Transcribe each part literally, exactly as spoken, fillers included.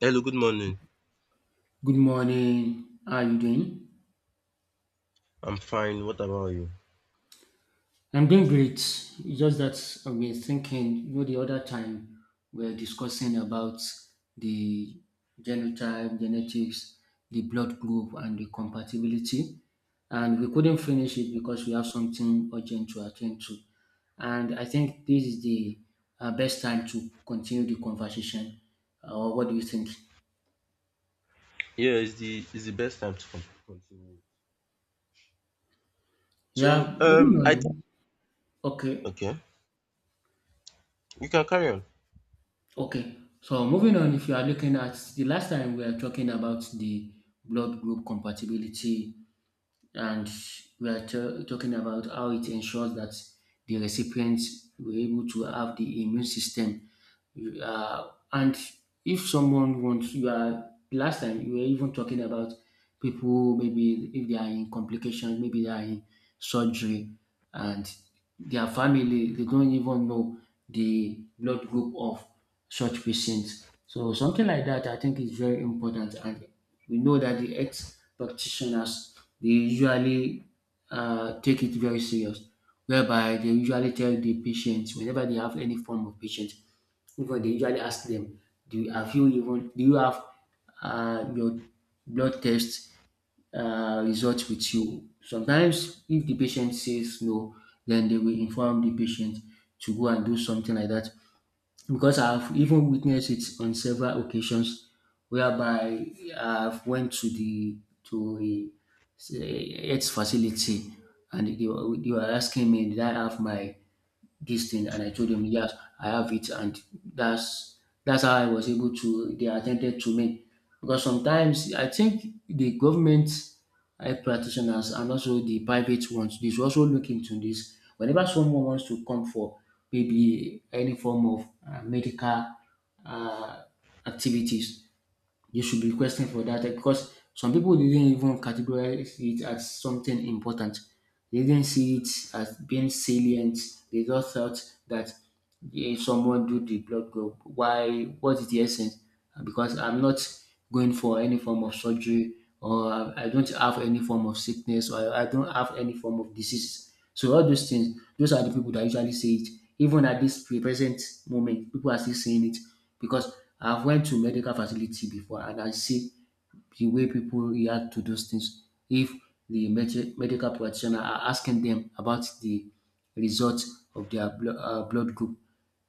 Hello, good morning. Good morning. How are you doing? I'm fine. What about you? I'm doing great. It's just that I've been thinking, you know, the other time we were discussing about the genotype, genetics, the blood group, and the compatibility. And we couldn't finish it because we have something urgent to attend to. And I think this is the uh, best time to continue the conversation. Or what do you think? Yeah, it's the it's the best time to con- continue. So, Yeah, moving um, I think on. Okay. okay, you can carry on. Okay, so moving on, if you are looking at the last time we were talking about the blood group compatibility, and we are t- talking about how it ensures that the recipients were able to have the immune system you are, and if someone wants, you are, last time you were even talking about people, maybe if they are in complications, maybe they are in surgery, and their family, they don't even know the blood group of such patients. So something like that, I think is very important. And we know that the health practitioners, they usually uh, take it very serious, whereby they usually tell the patients whenever they have any form of patient, even they usually ask them, do you, have you even do you have uh, your blood test uh, result with you? Sometimes, if the patient says no, then they will inform the patient to go and do something like that. Because I've even witnessed it on several occasions, whereby I've went to the to a, say, health facility and they were, they were asking me, "Did I have my this thing?" And I told them, "Yes, I have it." And that's that's how I was able to. They attended to me because sometimes I think the government health practitioners and also the private ones they should also look into this. Whenever someone wants to come for maybe any form of uh, medical uh, activities, you should be requesting for that, eh, because some people didn't even categorize it as something important. They didn't see it as being salient. They just thought that, yeah, if someone do the blood group, why? What is the essence? Because I'm not going for any form of surgery, or I I don't have any form of sickness, or I I don't have any form of disease. So all those things, those are the people that usually say it. Even at this pre- present moment, people are still saying it because I've went to medical facility before and I see the way people react to those things. If the med- medical practitioner are asking them about the results of their blo- uh, blood group.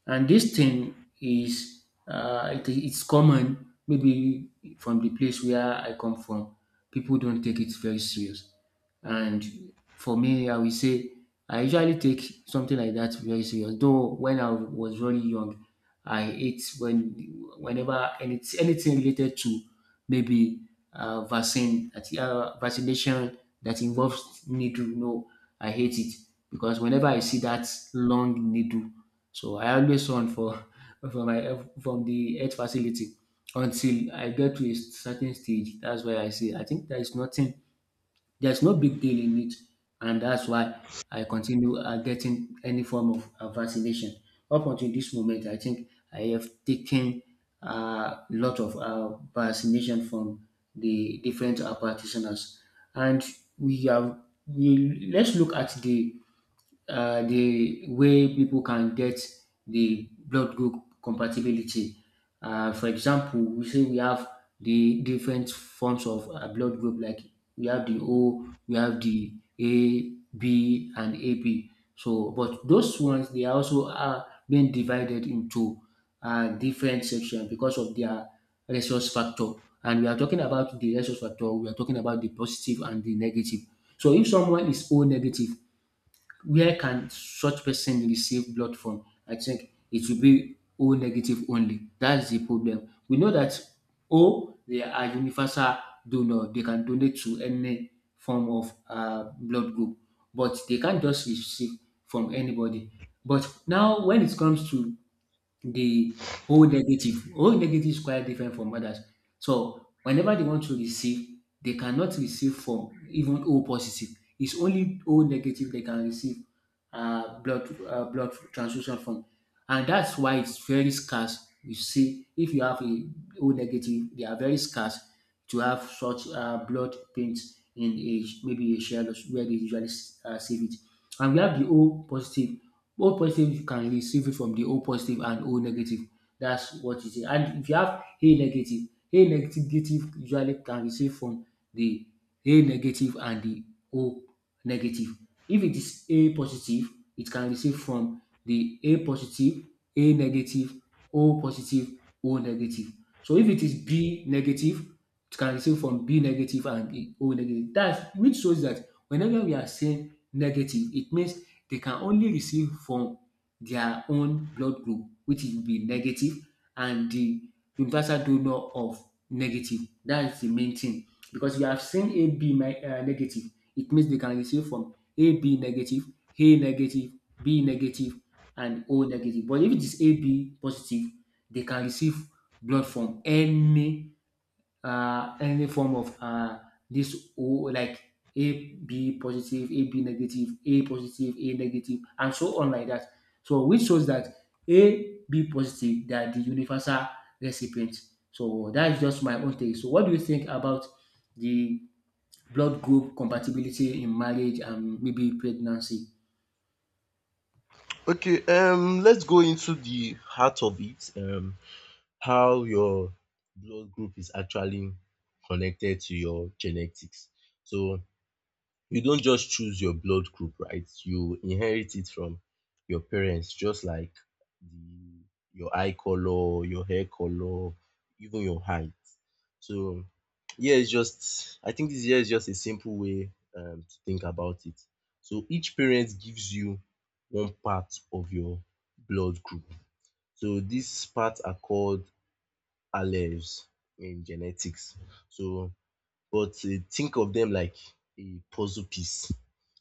And this thing is, uh, it, it's common, maybe from the place where I come from, people don't take it very serious. And for me, I will say I usually take something like that very serious. Though when I was really young, I ate when whenever any, anything related to maybe uh, vaccine that- uh, vaccination that involves needle. No, I hate it because whenever I see that long needle, so I always run for from my from the health facility until I get to a certain stage. That's why I say I think there is nothing there's no big deal in it, and that's why I continue uh, getting any form of uh, vaccination. Up until this moment, I think I have taken a uh, lot of uh, vaccination from the different uh, practitioners, and we have. We, let's look at the uh, the way people can get the blood group compatibility. Uh, for example, we say we have the different forms of uh, blood group, like we have the O, we have the A, B, and A B. So, but those ones they are also are being divided into uh, different sections because of their resource factor. And we are talking about the resource factor, we are talking about the positive and the negative. So if someone is O negative, where can such person receive blood from? I think it will be O negative only. That's the problem. We know that O, they are universal donor. They can donate to any form of uh, blood group, but they can't just receive from anybody. But now, when it comes to the whole negative. Whole negative is quite different from others. So whenever they want to receive, they cannot receive from even O positive. It's only O negative they can receive uh, blood uh, blood transfusion from, and that's why it's very scarce. You see, if you have a O negative, they are very scarce to have such uh, blood paints in a maybe a shell where they usually uh, save it. And we have the O positive. O positive you can receive it from the O positive and O negative. That's what you say. And if you have A negative, A negative negative usually can receive from the A negative and the O negative. If it is A positive, it can receive from the A positive, A negative, O positive, O negative. So if it is B negative, it can receive from B negative and the O negative. That's which shows that whenever we are saying negative, it means they can only receive from their own blood group, which will be negative, and the universal donor of negative. That's the main thing. Because you have seen A B uh, negative, it means they can receive from A B negative, A negative, B negative, and O negative. But if it is A B positive, they can receive blood from any uh, any form of uh, this O, like A B positive, A B negative, A positive, A negative, and so on like that. So which shows that A B positive they are the universal recipients. So that is just my own take. So what do you think about the blood group compatibility in marriage and maybe pregnancy? Okay, um, let's go into the heart of it. Um, how your blood group is actually connected to your genetics. So, you don't just choose your blood group, right? You inherit it from your parents, just like the, your eye color, your hair color, even your height. So, yeah, it's just, I think this year is just a simple way um, to think about it. So, each parent gives you one part of your blood group. So these parts are called alleles in genetics. So, but uh, think of them like a puzzle piece.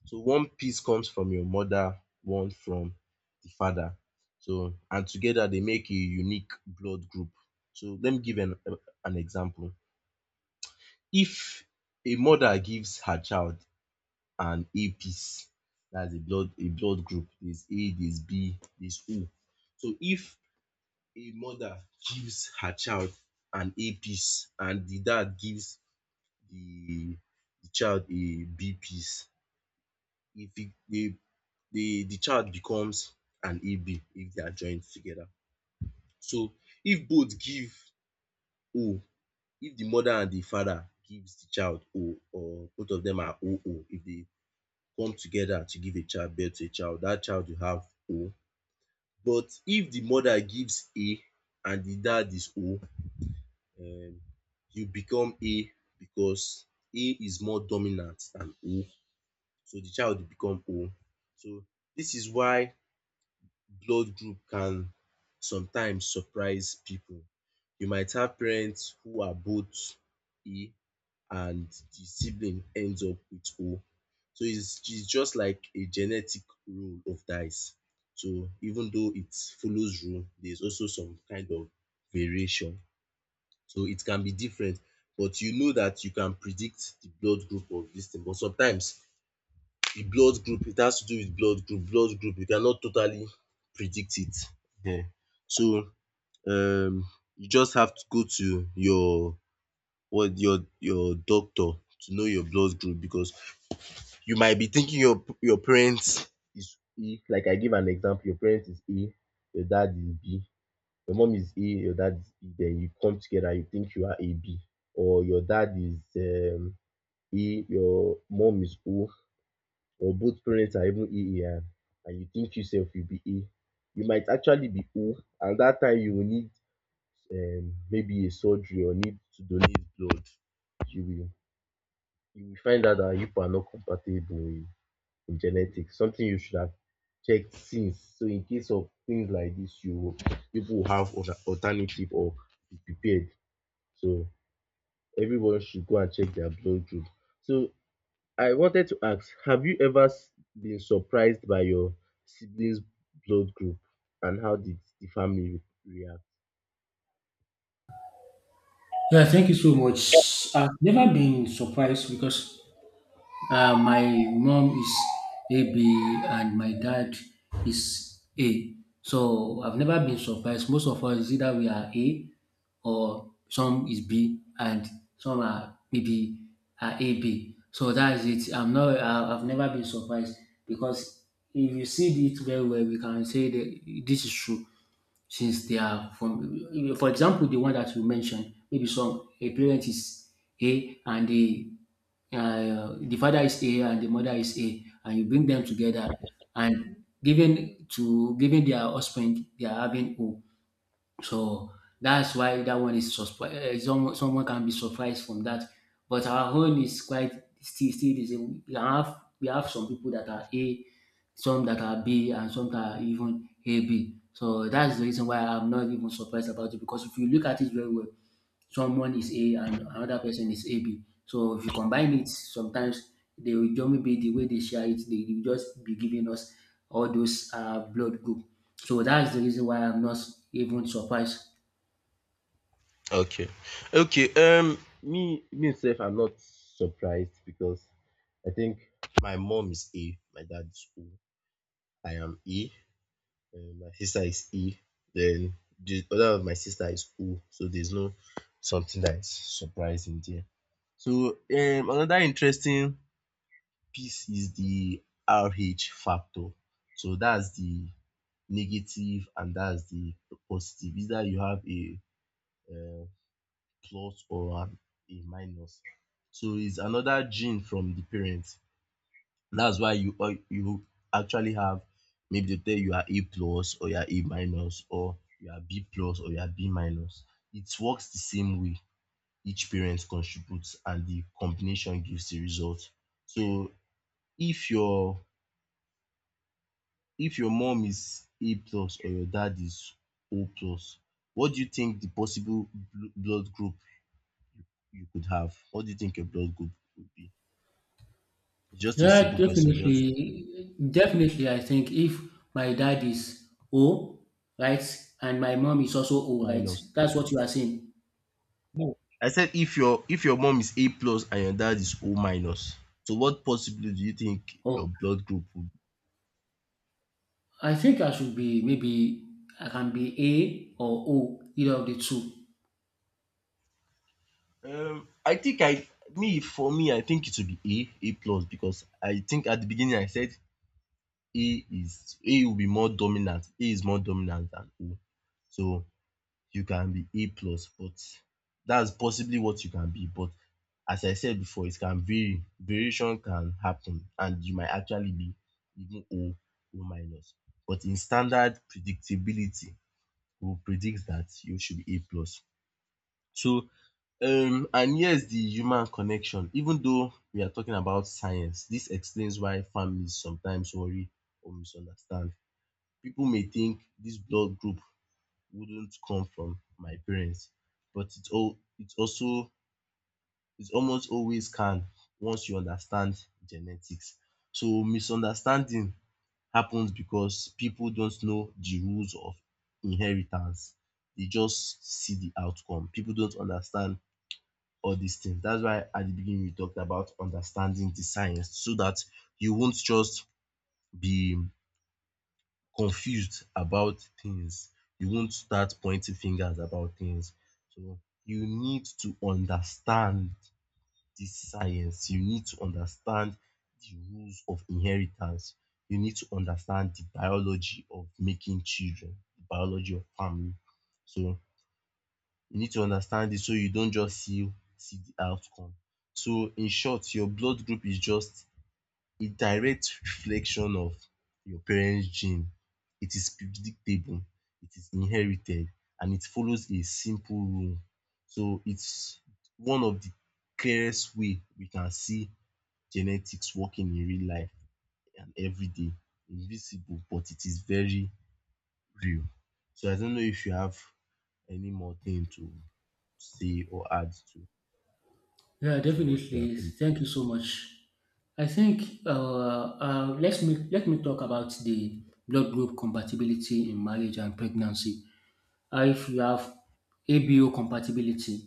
So one piece comes from your mother, one from the father. So and together they make a unique blood group. So let me give an an example. If a mother gives her child an A piece, that's a blood a blood group. There's A, there's B, there's O. So if a mother gives her child an A piece and the dad gives the the child a B piece. If it, the, the the child becomes an A B if they are joined together. So if both give O, if the mother and the father gives the child O or both of them are O O, if they come together to give a child birth to a child, that child will have O. But if the mother gives A and the dad is O, um, you become A because A is more dominant than O, so the child will become O. So this is why blood group can sometimes surprise people. You might have parents who are both E, and the sibling ends up with O. So it's it's just like a genetic roll of dice. So even though it follows rule, there's also some kind of variation. So it can be different, but you know that you can predict the blood group of this thing. But sometimes the blood group, it has to do with blood group. Blood group, you cannot totally predict it. um So, um you just have to go to your, what your your doctor, to know your blood group. Because you might be thinking your your parent is A, like I gave an example, your parent is A, your dad is B, your mom is A, your dad is B, then you come together, you think you are A B, or your dad is um A, your mom is O, or both parents are even A A I, and you think you sef you be A, you might actually be O. And dat time you will need um maybe a surgery or need to donate blood. You will you will find out dat you people are not compatible in in genetics, something you should have checked since. So in case of things like dis, you people will have alter alternative or be prepared. So everyone should go and check their blood group. So I wanted to ask, have you ever s- been surprised by your siblings' blood group, and how did the family re- react? Yeah, thank you so much. I've never been surprised because Uh, my mom is A B and my dad is A. So I've never been surprised. Most of us is either we are A or some is B and some are maybe are A B. So that's it. I'm not. I- I've never been surprised because if you see it very well, we can say that this is true since they are from, for example, the one that you mentioned maybe some a parent is A and the uh, the father is A and the mother is A and you bring them together and given to giving their husband they are having O, so that's why that one is surpri- uh, someone someone can be surprised from that. But our own is quite still still the same. We have we have some people that are A, some that are B, and some that are even A B. So that's the reason why I'm not even surprised about it because if you look at it very well, someone is A and another person is A B. So if you combine it, sometimes they will just maybe the way they share it, they will just be giving us all those uh, blood group. So that's the reason why I'm not even surprised. Okay. Okay. Um, me myself, I'm not surprised because I think my mom is A, my dad is O, I am E, and my sister is E, then the other of my sister is O, so there's no something that is surprising there. So um another interesting peace is the R H factor. So that's the negative and that's the positive. Either you have a, uh plus or an, a minus. So it's another gene from the parents. That's why you uh, you actually have, maybe they tell you are A plus or you are A minus or you are B plus or you are B minus. It works the same way. Each parent contributes and the combination gives the result. So if your if your mom is A plus or your dad is O plus, what do you think the possible bl- blood group you you could have? What do you think your blood group would be? Just a Yeah, simple question. Just definitely, definitely. I think if my dad is O, right, and my mom is also O, right, minus. that's what you are saying. No. I said if your if your mom is A plus and your dad is O minus, so what possibly do you think Oh, your blood group would I think I should be maybe I can be A or O, either of the two. be? Um, I think I me, for me, I think it would be A A plus because I think at the beginning I said A is A will be more dominant. A is more dominant than O. So you can be A plus, but that's possibly what you can be. But as I said before, it can vary. Variation can happen, and you might actually be even O, O minus. But in standard predictability, we predict that you should be A plus. So um and here's the human connection. Even though we are talking about science, this explains why families sometimes worry or misunderstand. People may think this blood group wouldn't come from my parents, but it all it also it almost always can, once you understand genetics. So misunderstanding happens because people don't know the rules of inheritance. They just see the outcome. People don't understand all these things. That's why at the beginning we talked about understanding the science, so that you won't just be confused about things. You won't start pointing fingers about things. So you need to understand this science. You need to understand the rules of inheritance. You need to understand the biology of making children, the biology of family. So you need to understand it, so you don't just see see the outcome. So in short, your blood group is just a direct reflection of your parents' gene. It is predictable, it is inherited, and it follows a simple rule. So it's one of the clearest way we can see genetics working in real life and every day. Invisible, but it is very real. So I don't know if you have any more thing to say or add to, Yeah, to what we have definitely. been. Thank you so much. I think uh, uh, let's me, let me talk about the blood group compatibility in marriage and pregnancy. Uh, if you have A B O compatibility,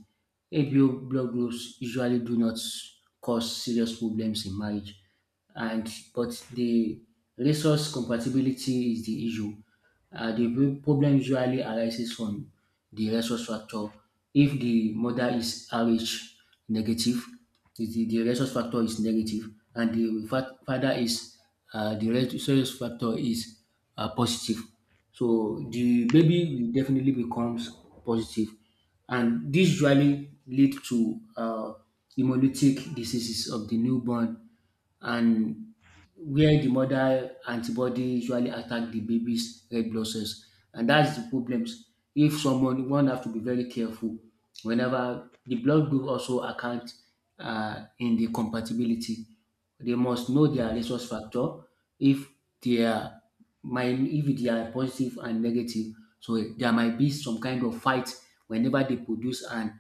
A B O blood groups usually do not cause serious problems in marriage, and but the resource compatibility is the issue. Uh, the pro- problem usually arises from the resource factor. If the mother is R H negative, the, the the resource factor is negative, and the fa- father is, uh, the resource factor is uh, positive. So the baby will definitely becomes positive, and this usually lead to uh, hemolytic diseases of the newborn, and where the mother antibody usually attack the baby's red blood cells, and that's the problems. If someone one have to be very careful whenever the blood group also account uh, in the compatibility. They must know their resource factor if they are mind if they are positive and negative. So there might be some kind of fight whenever they produce and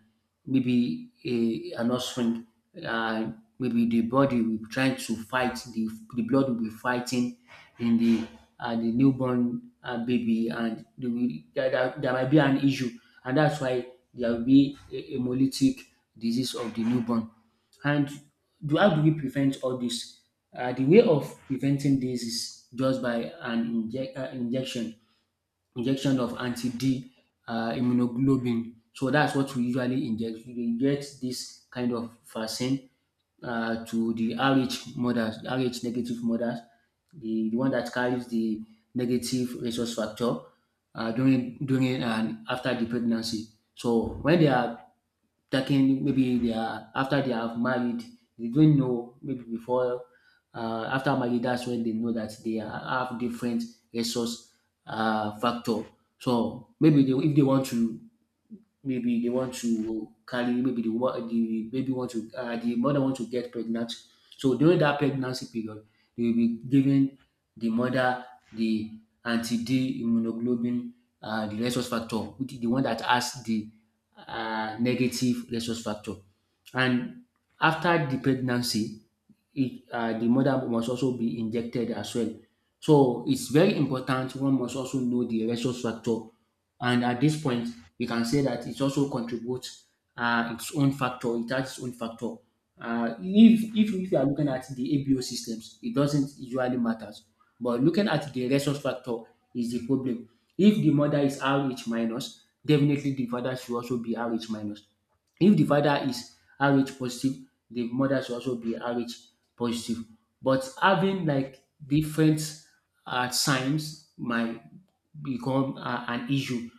maybe a, an offspring. Uh, maybe the body will be trying to fight the the blood will be fighting in the uh, the newborn uh, baby and they will, there, there, there might be an issue and that's why there will be a hemolytic disease of the newborn and do how do we prevent all this? Uh, the way of preventing this is just by an inject, uh, injection injection of anti-D uh, immunoglobulin. So that's what we usually inject. We inject this kind of vaccine uh, to the R H mothers, R H negative mothers, the, the one that carries the negative resource factor uh, during during and after the pregnancy. So when they are taking, maybe they are after they have married, they don't know maybe before, uh, after marriage that's when they know that they ha- have different resource uh, factor. So maybe they, if they want to, maybe they want to carry, maybe the wo- the baby want to, uh, the mother want to get pregnant. So during that pregnancy period they will be giving the mother the anti-d immunoglobulin, uh, the rhesus factor, which is the one that has the uh, negative rhesus factor. And after the pregnancy it, uh, the mother must also be injected as well. So it's very important one must also know the ratio structure. And at this point we can say that it also contributes uh, its own factor, it has its own factor. Uh, if, if if you are looking at the A B O systems, it doesn't usually matters. But looking at the ratio factor is the problem. If the mother is R H minus, definitely the father should also be R H minus. If the father is R H positive, the mother should also be R H positive. But having like different um signs might become a- an issue,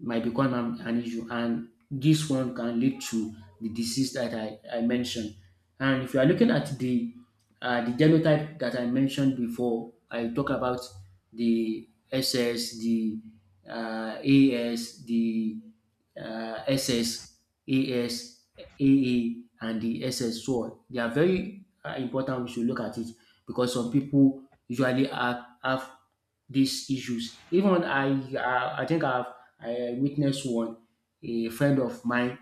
might become an, an issue. And this one can lead to the disease that I, I mentioned. And if you are looking at the uh, the genotype that I mentioned before, I talk about the SS, the uh, AS, the uh, SS, AS, AA, and the SS. So they are very uh, important. We should look at it because some people usually have, have these issues. Even I, I, I think I've I witnessed one, a friend of mine.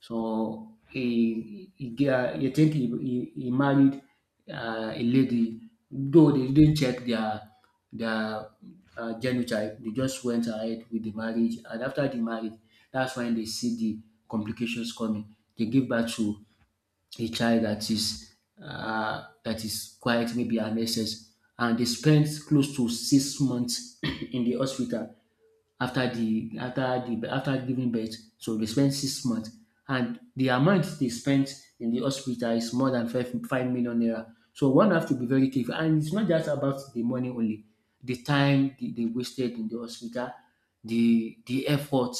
So he, he, he, uh, I think he, he, he married uh, a lady, though they didn't check their their uh, genotype. They just went ahead with the marriage, and after the marriage, that's when they see the complications coming. They give birth to a child that is uh, that is quite maybe an S S, and they spent close to six months in the hospital after the after the after giving birth. So they spent six months, and the amount they spent in the hospital is more than five five million naira. So one have to be very careful, and it's not just about the money only. The time they, they wasted in the hospital, the the effort.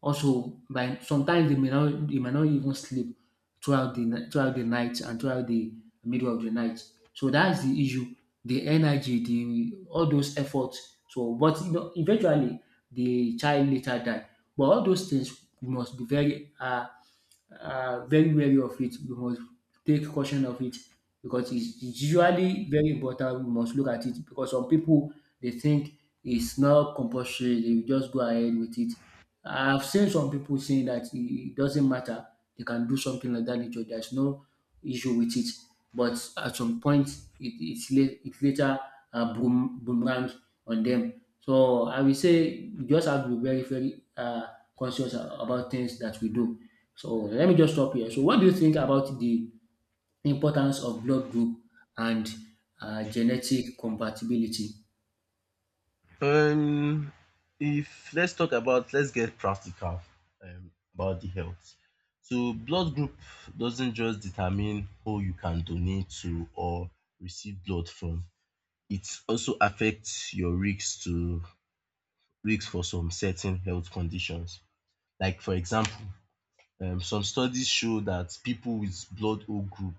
Also, by sometimes they may not they may not even sleep throughout the ni- throughout the night and throughout the middle of the night. So that's the issue, the energy, the all those efforts. So, but you know, eventually the child later died. But all those things, must be very um uh, very wary of it. We must take caution of it because it's, it's usually very important. We must look at it because some people they think it's not compulsory. They will just go ahead with it. I've seen some people saying that it it doesn't matter. They can do something like that nature. There's no issue with it. But at some point, it, it's late, it later uh, boom, boomerang on them. So I will say we just have to be very, very uh, conscious a- about things that we do. So let me just stop here. So what do you think about the importance of blood group and uh, genetic compatibility? Um, if let's talk about, let's get practical um, about the health. So blood group doesn't just determine who you can donate to or receive blood from. It also affects your risk to risk for some certain health conditions. Like for example, um, some studies show that people with blood O group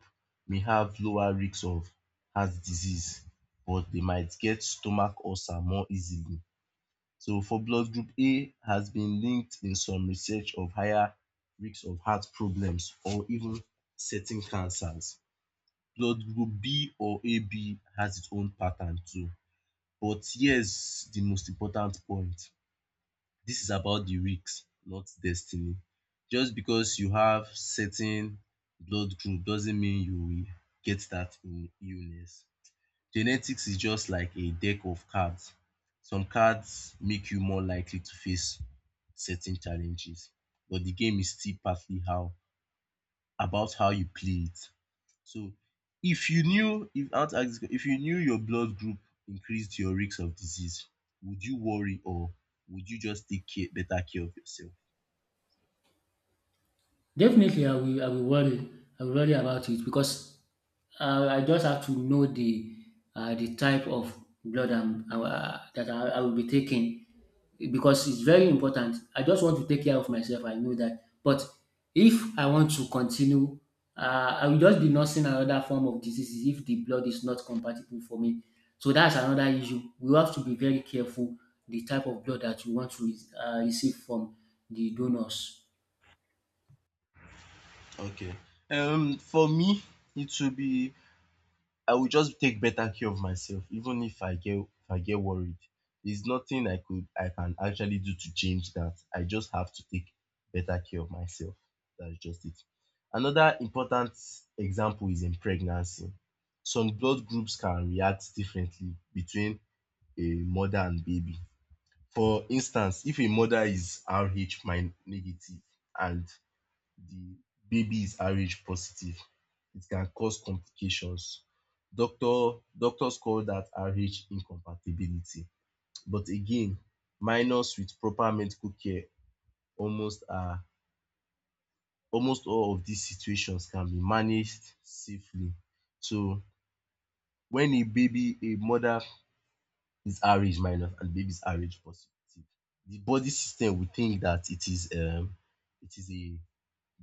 may have lower risks of heart disease, but they might get stomach ulcer more easily. So for blood group A has been linked in some research of higher risk of heart problems or even certain cancers. Blood group B or A B has its own pattern too. But here's the most important point. This is about the risk, not destiny. Just because you have certain blood group doesn't mean you will get that illness. Genetics is just like a deck of cards. Some cards make you more likely to face certain challenges, but the game is still partly how about how you play it. So if you knew if I want to ask this que- if you knew your blood group increased your risk of disease, would you worry, or would you just take care better care of yourself? Definitely, I will. I will worry. I will worry about it because uh, I just have to know the uh, the type of blood I'm, uh, that I, I will be taking, because it's very important. I just want to take care of myself. I know that, but if I want to continue, uh, I will just be nursing another form of diseases if the blood is not compatible for me. So that's another issue. We have to be very careful the type of blood that you want to re- uh, receive from the donors. Okay. Um, for me, it will be I will just take better care of myself even if I get if I get worried. There's nothing I could I can actually do to change that. I just have to take better care of myself. That's just it. Another important example is in pregnancy. Some blood groups can react differently between a mother and baby. For instance, if a mother is Rh min- negative and the baby is R H positive, it can cause complications. Doctor doctors call that R H incompatibility. But again, minors with proper medical care almost are almost all of these situations can be managed safely. So when a baby, a mother is R H minus and baby is R H positive, the body system will think that it is um it is a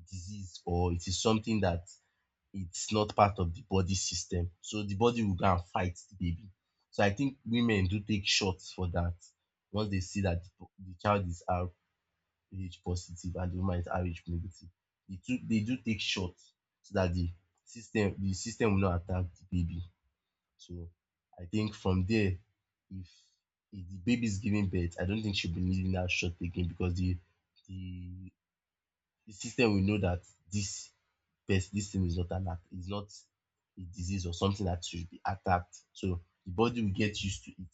disease or it is something that it's not part of the body system. So the body will go and fight the baby. So I think women do take shots for that once they see that the the child is Rh positive and the woman is Rh negative. They do, they do take shots so that the system the system will not attack the baby. So I think from there, if, if the baby is giving birth, I don't think she'll be needing that shot again, because the the, the system will know that this pest, this thing is not an act. It's not a disease or something that should be attacked. So the body will get used to it.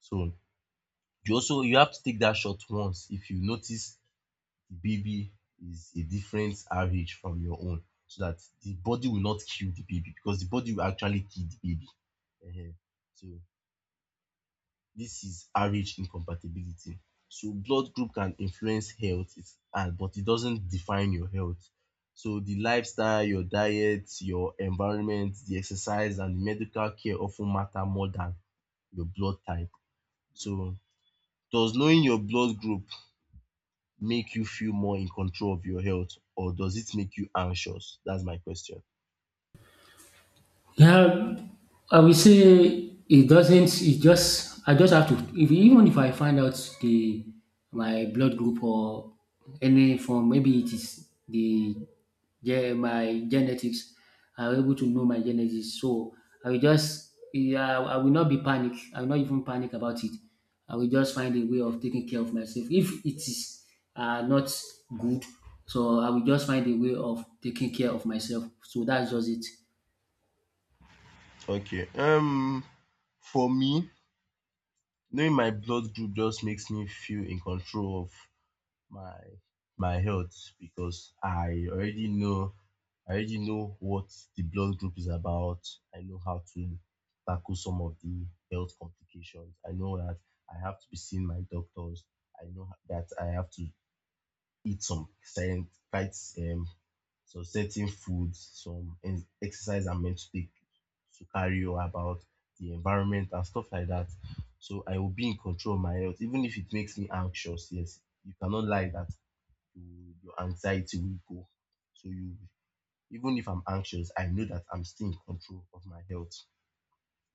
So you also you have to take that shot once if you notice the baby is a different R H from your own, so that the body will not kill the baby, because the body will actually kill the baby. Ehen. So this is Rh incompatibility. So blood group can influence health, it's, and, but it doesn't define your health. So the lifestyle, your diet, your environment, the exercise, and the medical care often matter more than your blood type. So does knowing your blood group make you feel more in control of your health, or does it make you anxious? That's my question. Yeah, I will say it doesn't. It just I just have to. If even if I find out the my blood group or any form, maybe it is the yeah my genetics. I'm able to know my genetics, so I will just yeah I will not be panic. I will not even panic about it. I will just find a way of taking care of myself. If it is uh, not good, so I will just find a way of taking care of myself. So that's just it. Okay. Um, for me, knowing my blood group just makes me feel in control of my my health, because I already know I already know what the blood group is about. I know how to tackle some of the health complications. I know that I have to be seeing my doctors. I know that I have to eat some certain quite um some certain foods, some en- exercise I'm meant to take, to carry on about the environment and stuff like that. So I will be in control of my health, even if it makes me anxious. Yes, you cannot lie that you, your anxiety will go. So you, even if I'm anxious, I know that I'm still in control of my health.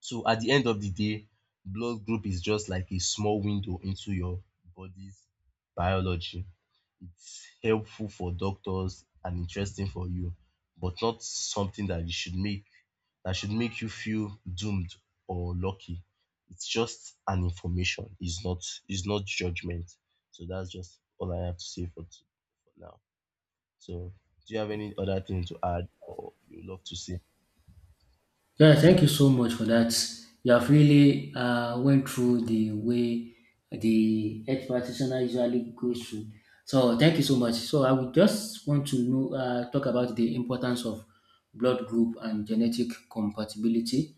So at the end of the day, blood group is just like a small window into your body's biology. It's helpful for doctors and interesting for you, but not something that you should make that should make you feel doomed or lucky. It's just an information. It's not it's not judgment. So that's just all I have to say for, t- for now. So, do you have any other thing to add or you love to say? Yeah, thank you so much for that. You have really uh, went through the way the health practitioner usually goes through. So thank you so much. So I would just want to know, uh, talk about the importance of blood group and genetic compatibility.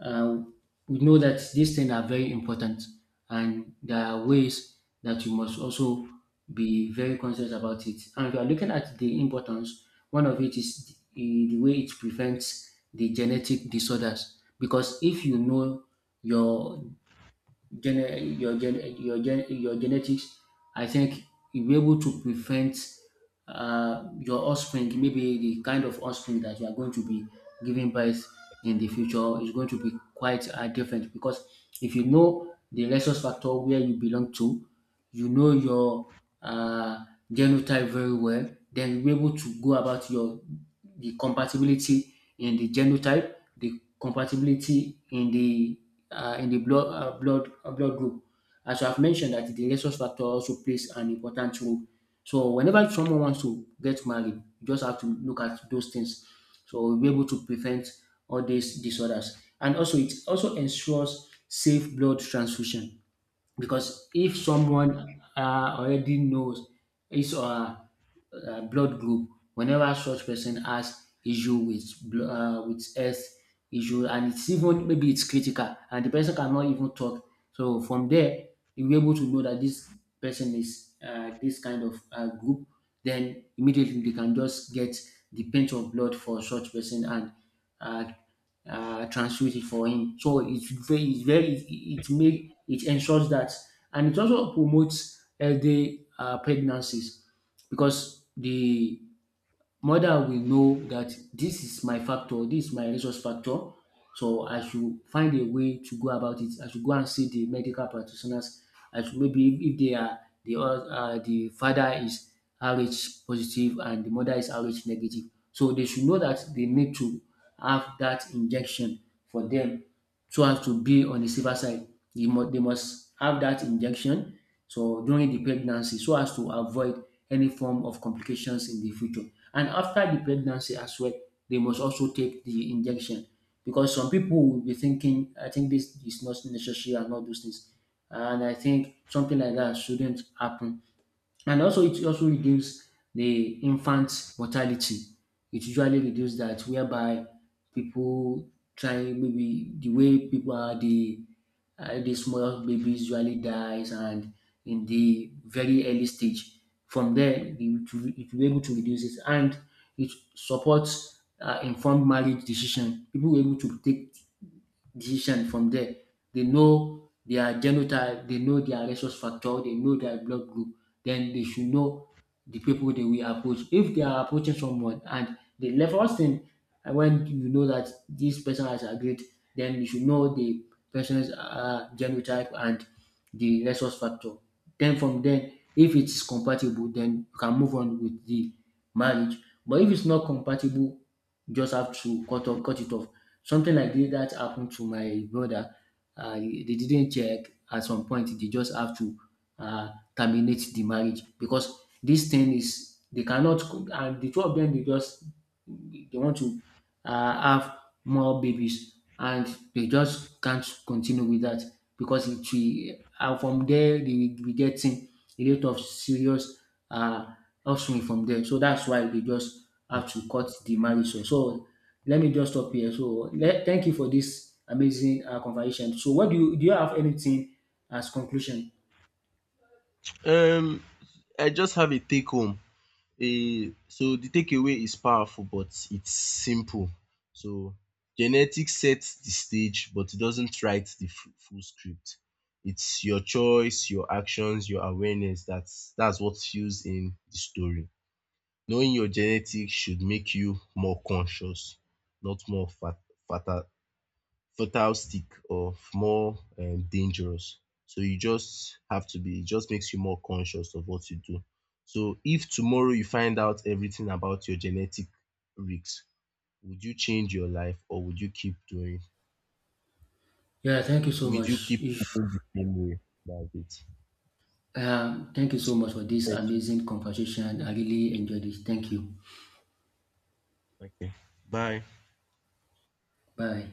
uh, we know that these things are very important and there are ways that you must also be very conscious about it. And if you are looking at the importance, one of it is the, the way it prevents the genetic disorders. Because if you know your gene, your gen, your gen, your genetics, I think you'll be able to prevent uh, your offspring, maybe the kind of offspring that you are going to be giving birth in the future is going to be quite uh, different. Because if you know the resource factor where you belong to, you know your uh, genotype very well, then you'll be able to go about your the compatibility in the genotype, the compatibility in the uh, in the blood uh, blood uh, blood group. As I've mentioned that the rhesus factor also plays an important role. So whenever someone wants to get married, you just have to look at those things. So we'll be able to prevent all these disorders. And also it also ensures safe blood transfusion, because if someone uh, already knows his or her uh, blood group, whenever such person has issue with blo- uh, with health issue and it's even, maybe it's critical and the person cannot even talk, so from there you'll be able to know that this person is uh, this kind of uh, group, then immediately they can just get the pinch of blood for such person and uh, uh, transfuse it for him. So it's very, it's very, it, it make it ensures that. And it also promotes healthy uh, pregnancies, because the mother will know that this is my factor, this is my resource factor, so I should find a way to go about it. I should go and see the medical practitioners. I should, maybe if if they are the oth- uh, the father is R H positive and the mother is R H negative, so they should know that they need to have that injection for them, so as to be on the safer side. They must, they must have that injection so during the pregnancy so as to avoid any form of complications in the future. And after the pregnancy as well, they must also take the injection, because some people will be thinking, I think this is not necessary and all those things. And I think something like that shouldn't happen. And also, it also reduce the infant mortality. It usually reduce that, whereby people try, maybe the way people are the uh, the small babies usually dies and in the very early stage. From there, you to- it will be able to reduce it. And it supports uh, informed marriage decision. People were able to take decision from there. They know their genotype, they know their resource factor, they know their blood group. Then they should know the people they will approach. If they are approaching someone and the level first thing, uh, when you know that this person has agreed, then you should know the person's uh, genotype and the resource factor. Then from then, if it is compatible, then you can move on with the marriage. But if it's not compatible, just have to cut off, cut it off. Something like this that happened to my brother. Uh, they didn't check. At some point, they just have to uh, terminate the marriage because this thing is they cannot. And the two of them, they just they want to uh, have more babies, and they just can't continue with that because it will. And from there, they will be getting a lot of serious uh, offspring from there. So that's why they just have to cut the marriage. So, so let me just stop here. So let, thank you for this amazing uh, conversation. So what do you do? You have anything as conclusion? Um, I just have a take home. A So the takeaway is powerful, but it's simple. So genetics sets the stage, but it doesn't write the fu- full script. It's your choice, your actions, your awareness. That's that's what fuels in the story. Knowing your genetics should make you more conscious, not more fat, fat, fertile stick of more um dangerous. So you just have to be, it just makes you more conscious of what you do. So if tomorrow you find out everything about your genetic risks, would you change your life, or would you keep doing, Yeah, thank you so would you much. keep If living the same way? That's it. um, thank you so much for this Thank amazing conversation. I really enjoyed it. Thank you. you. Okay. Bye. Bye.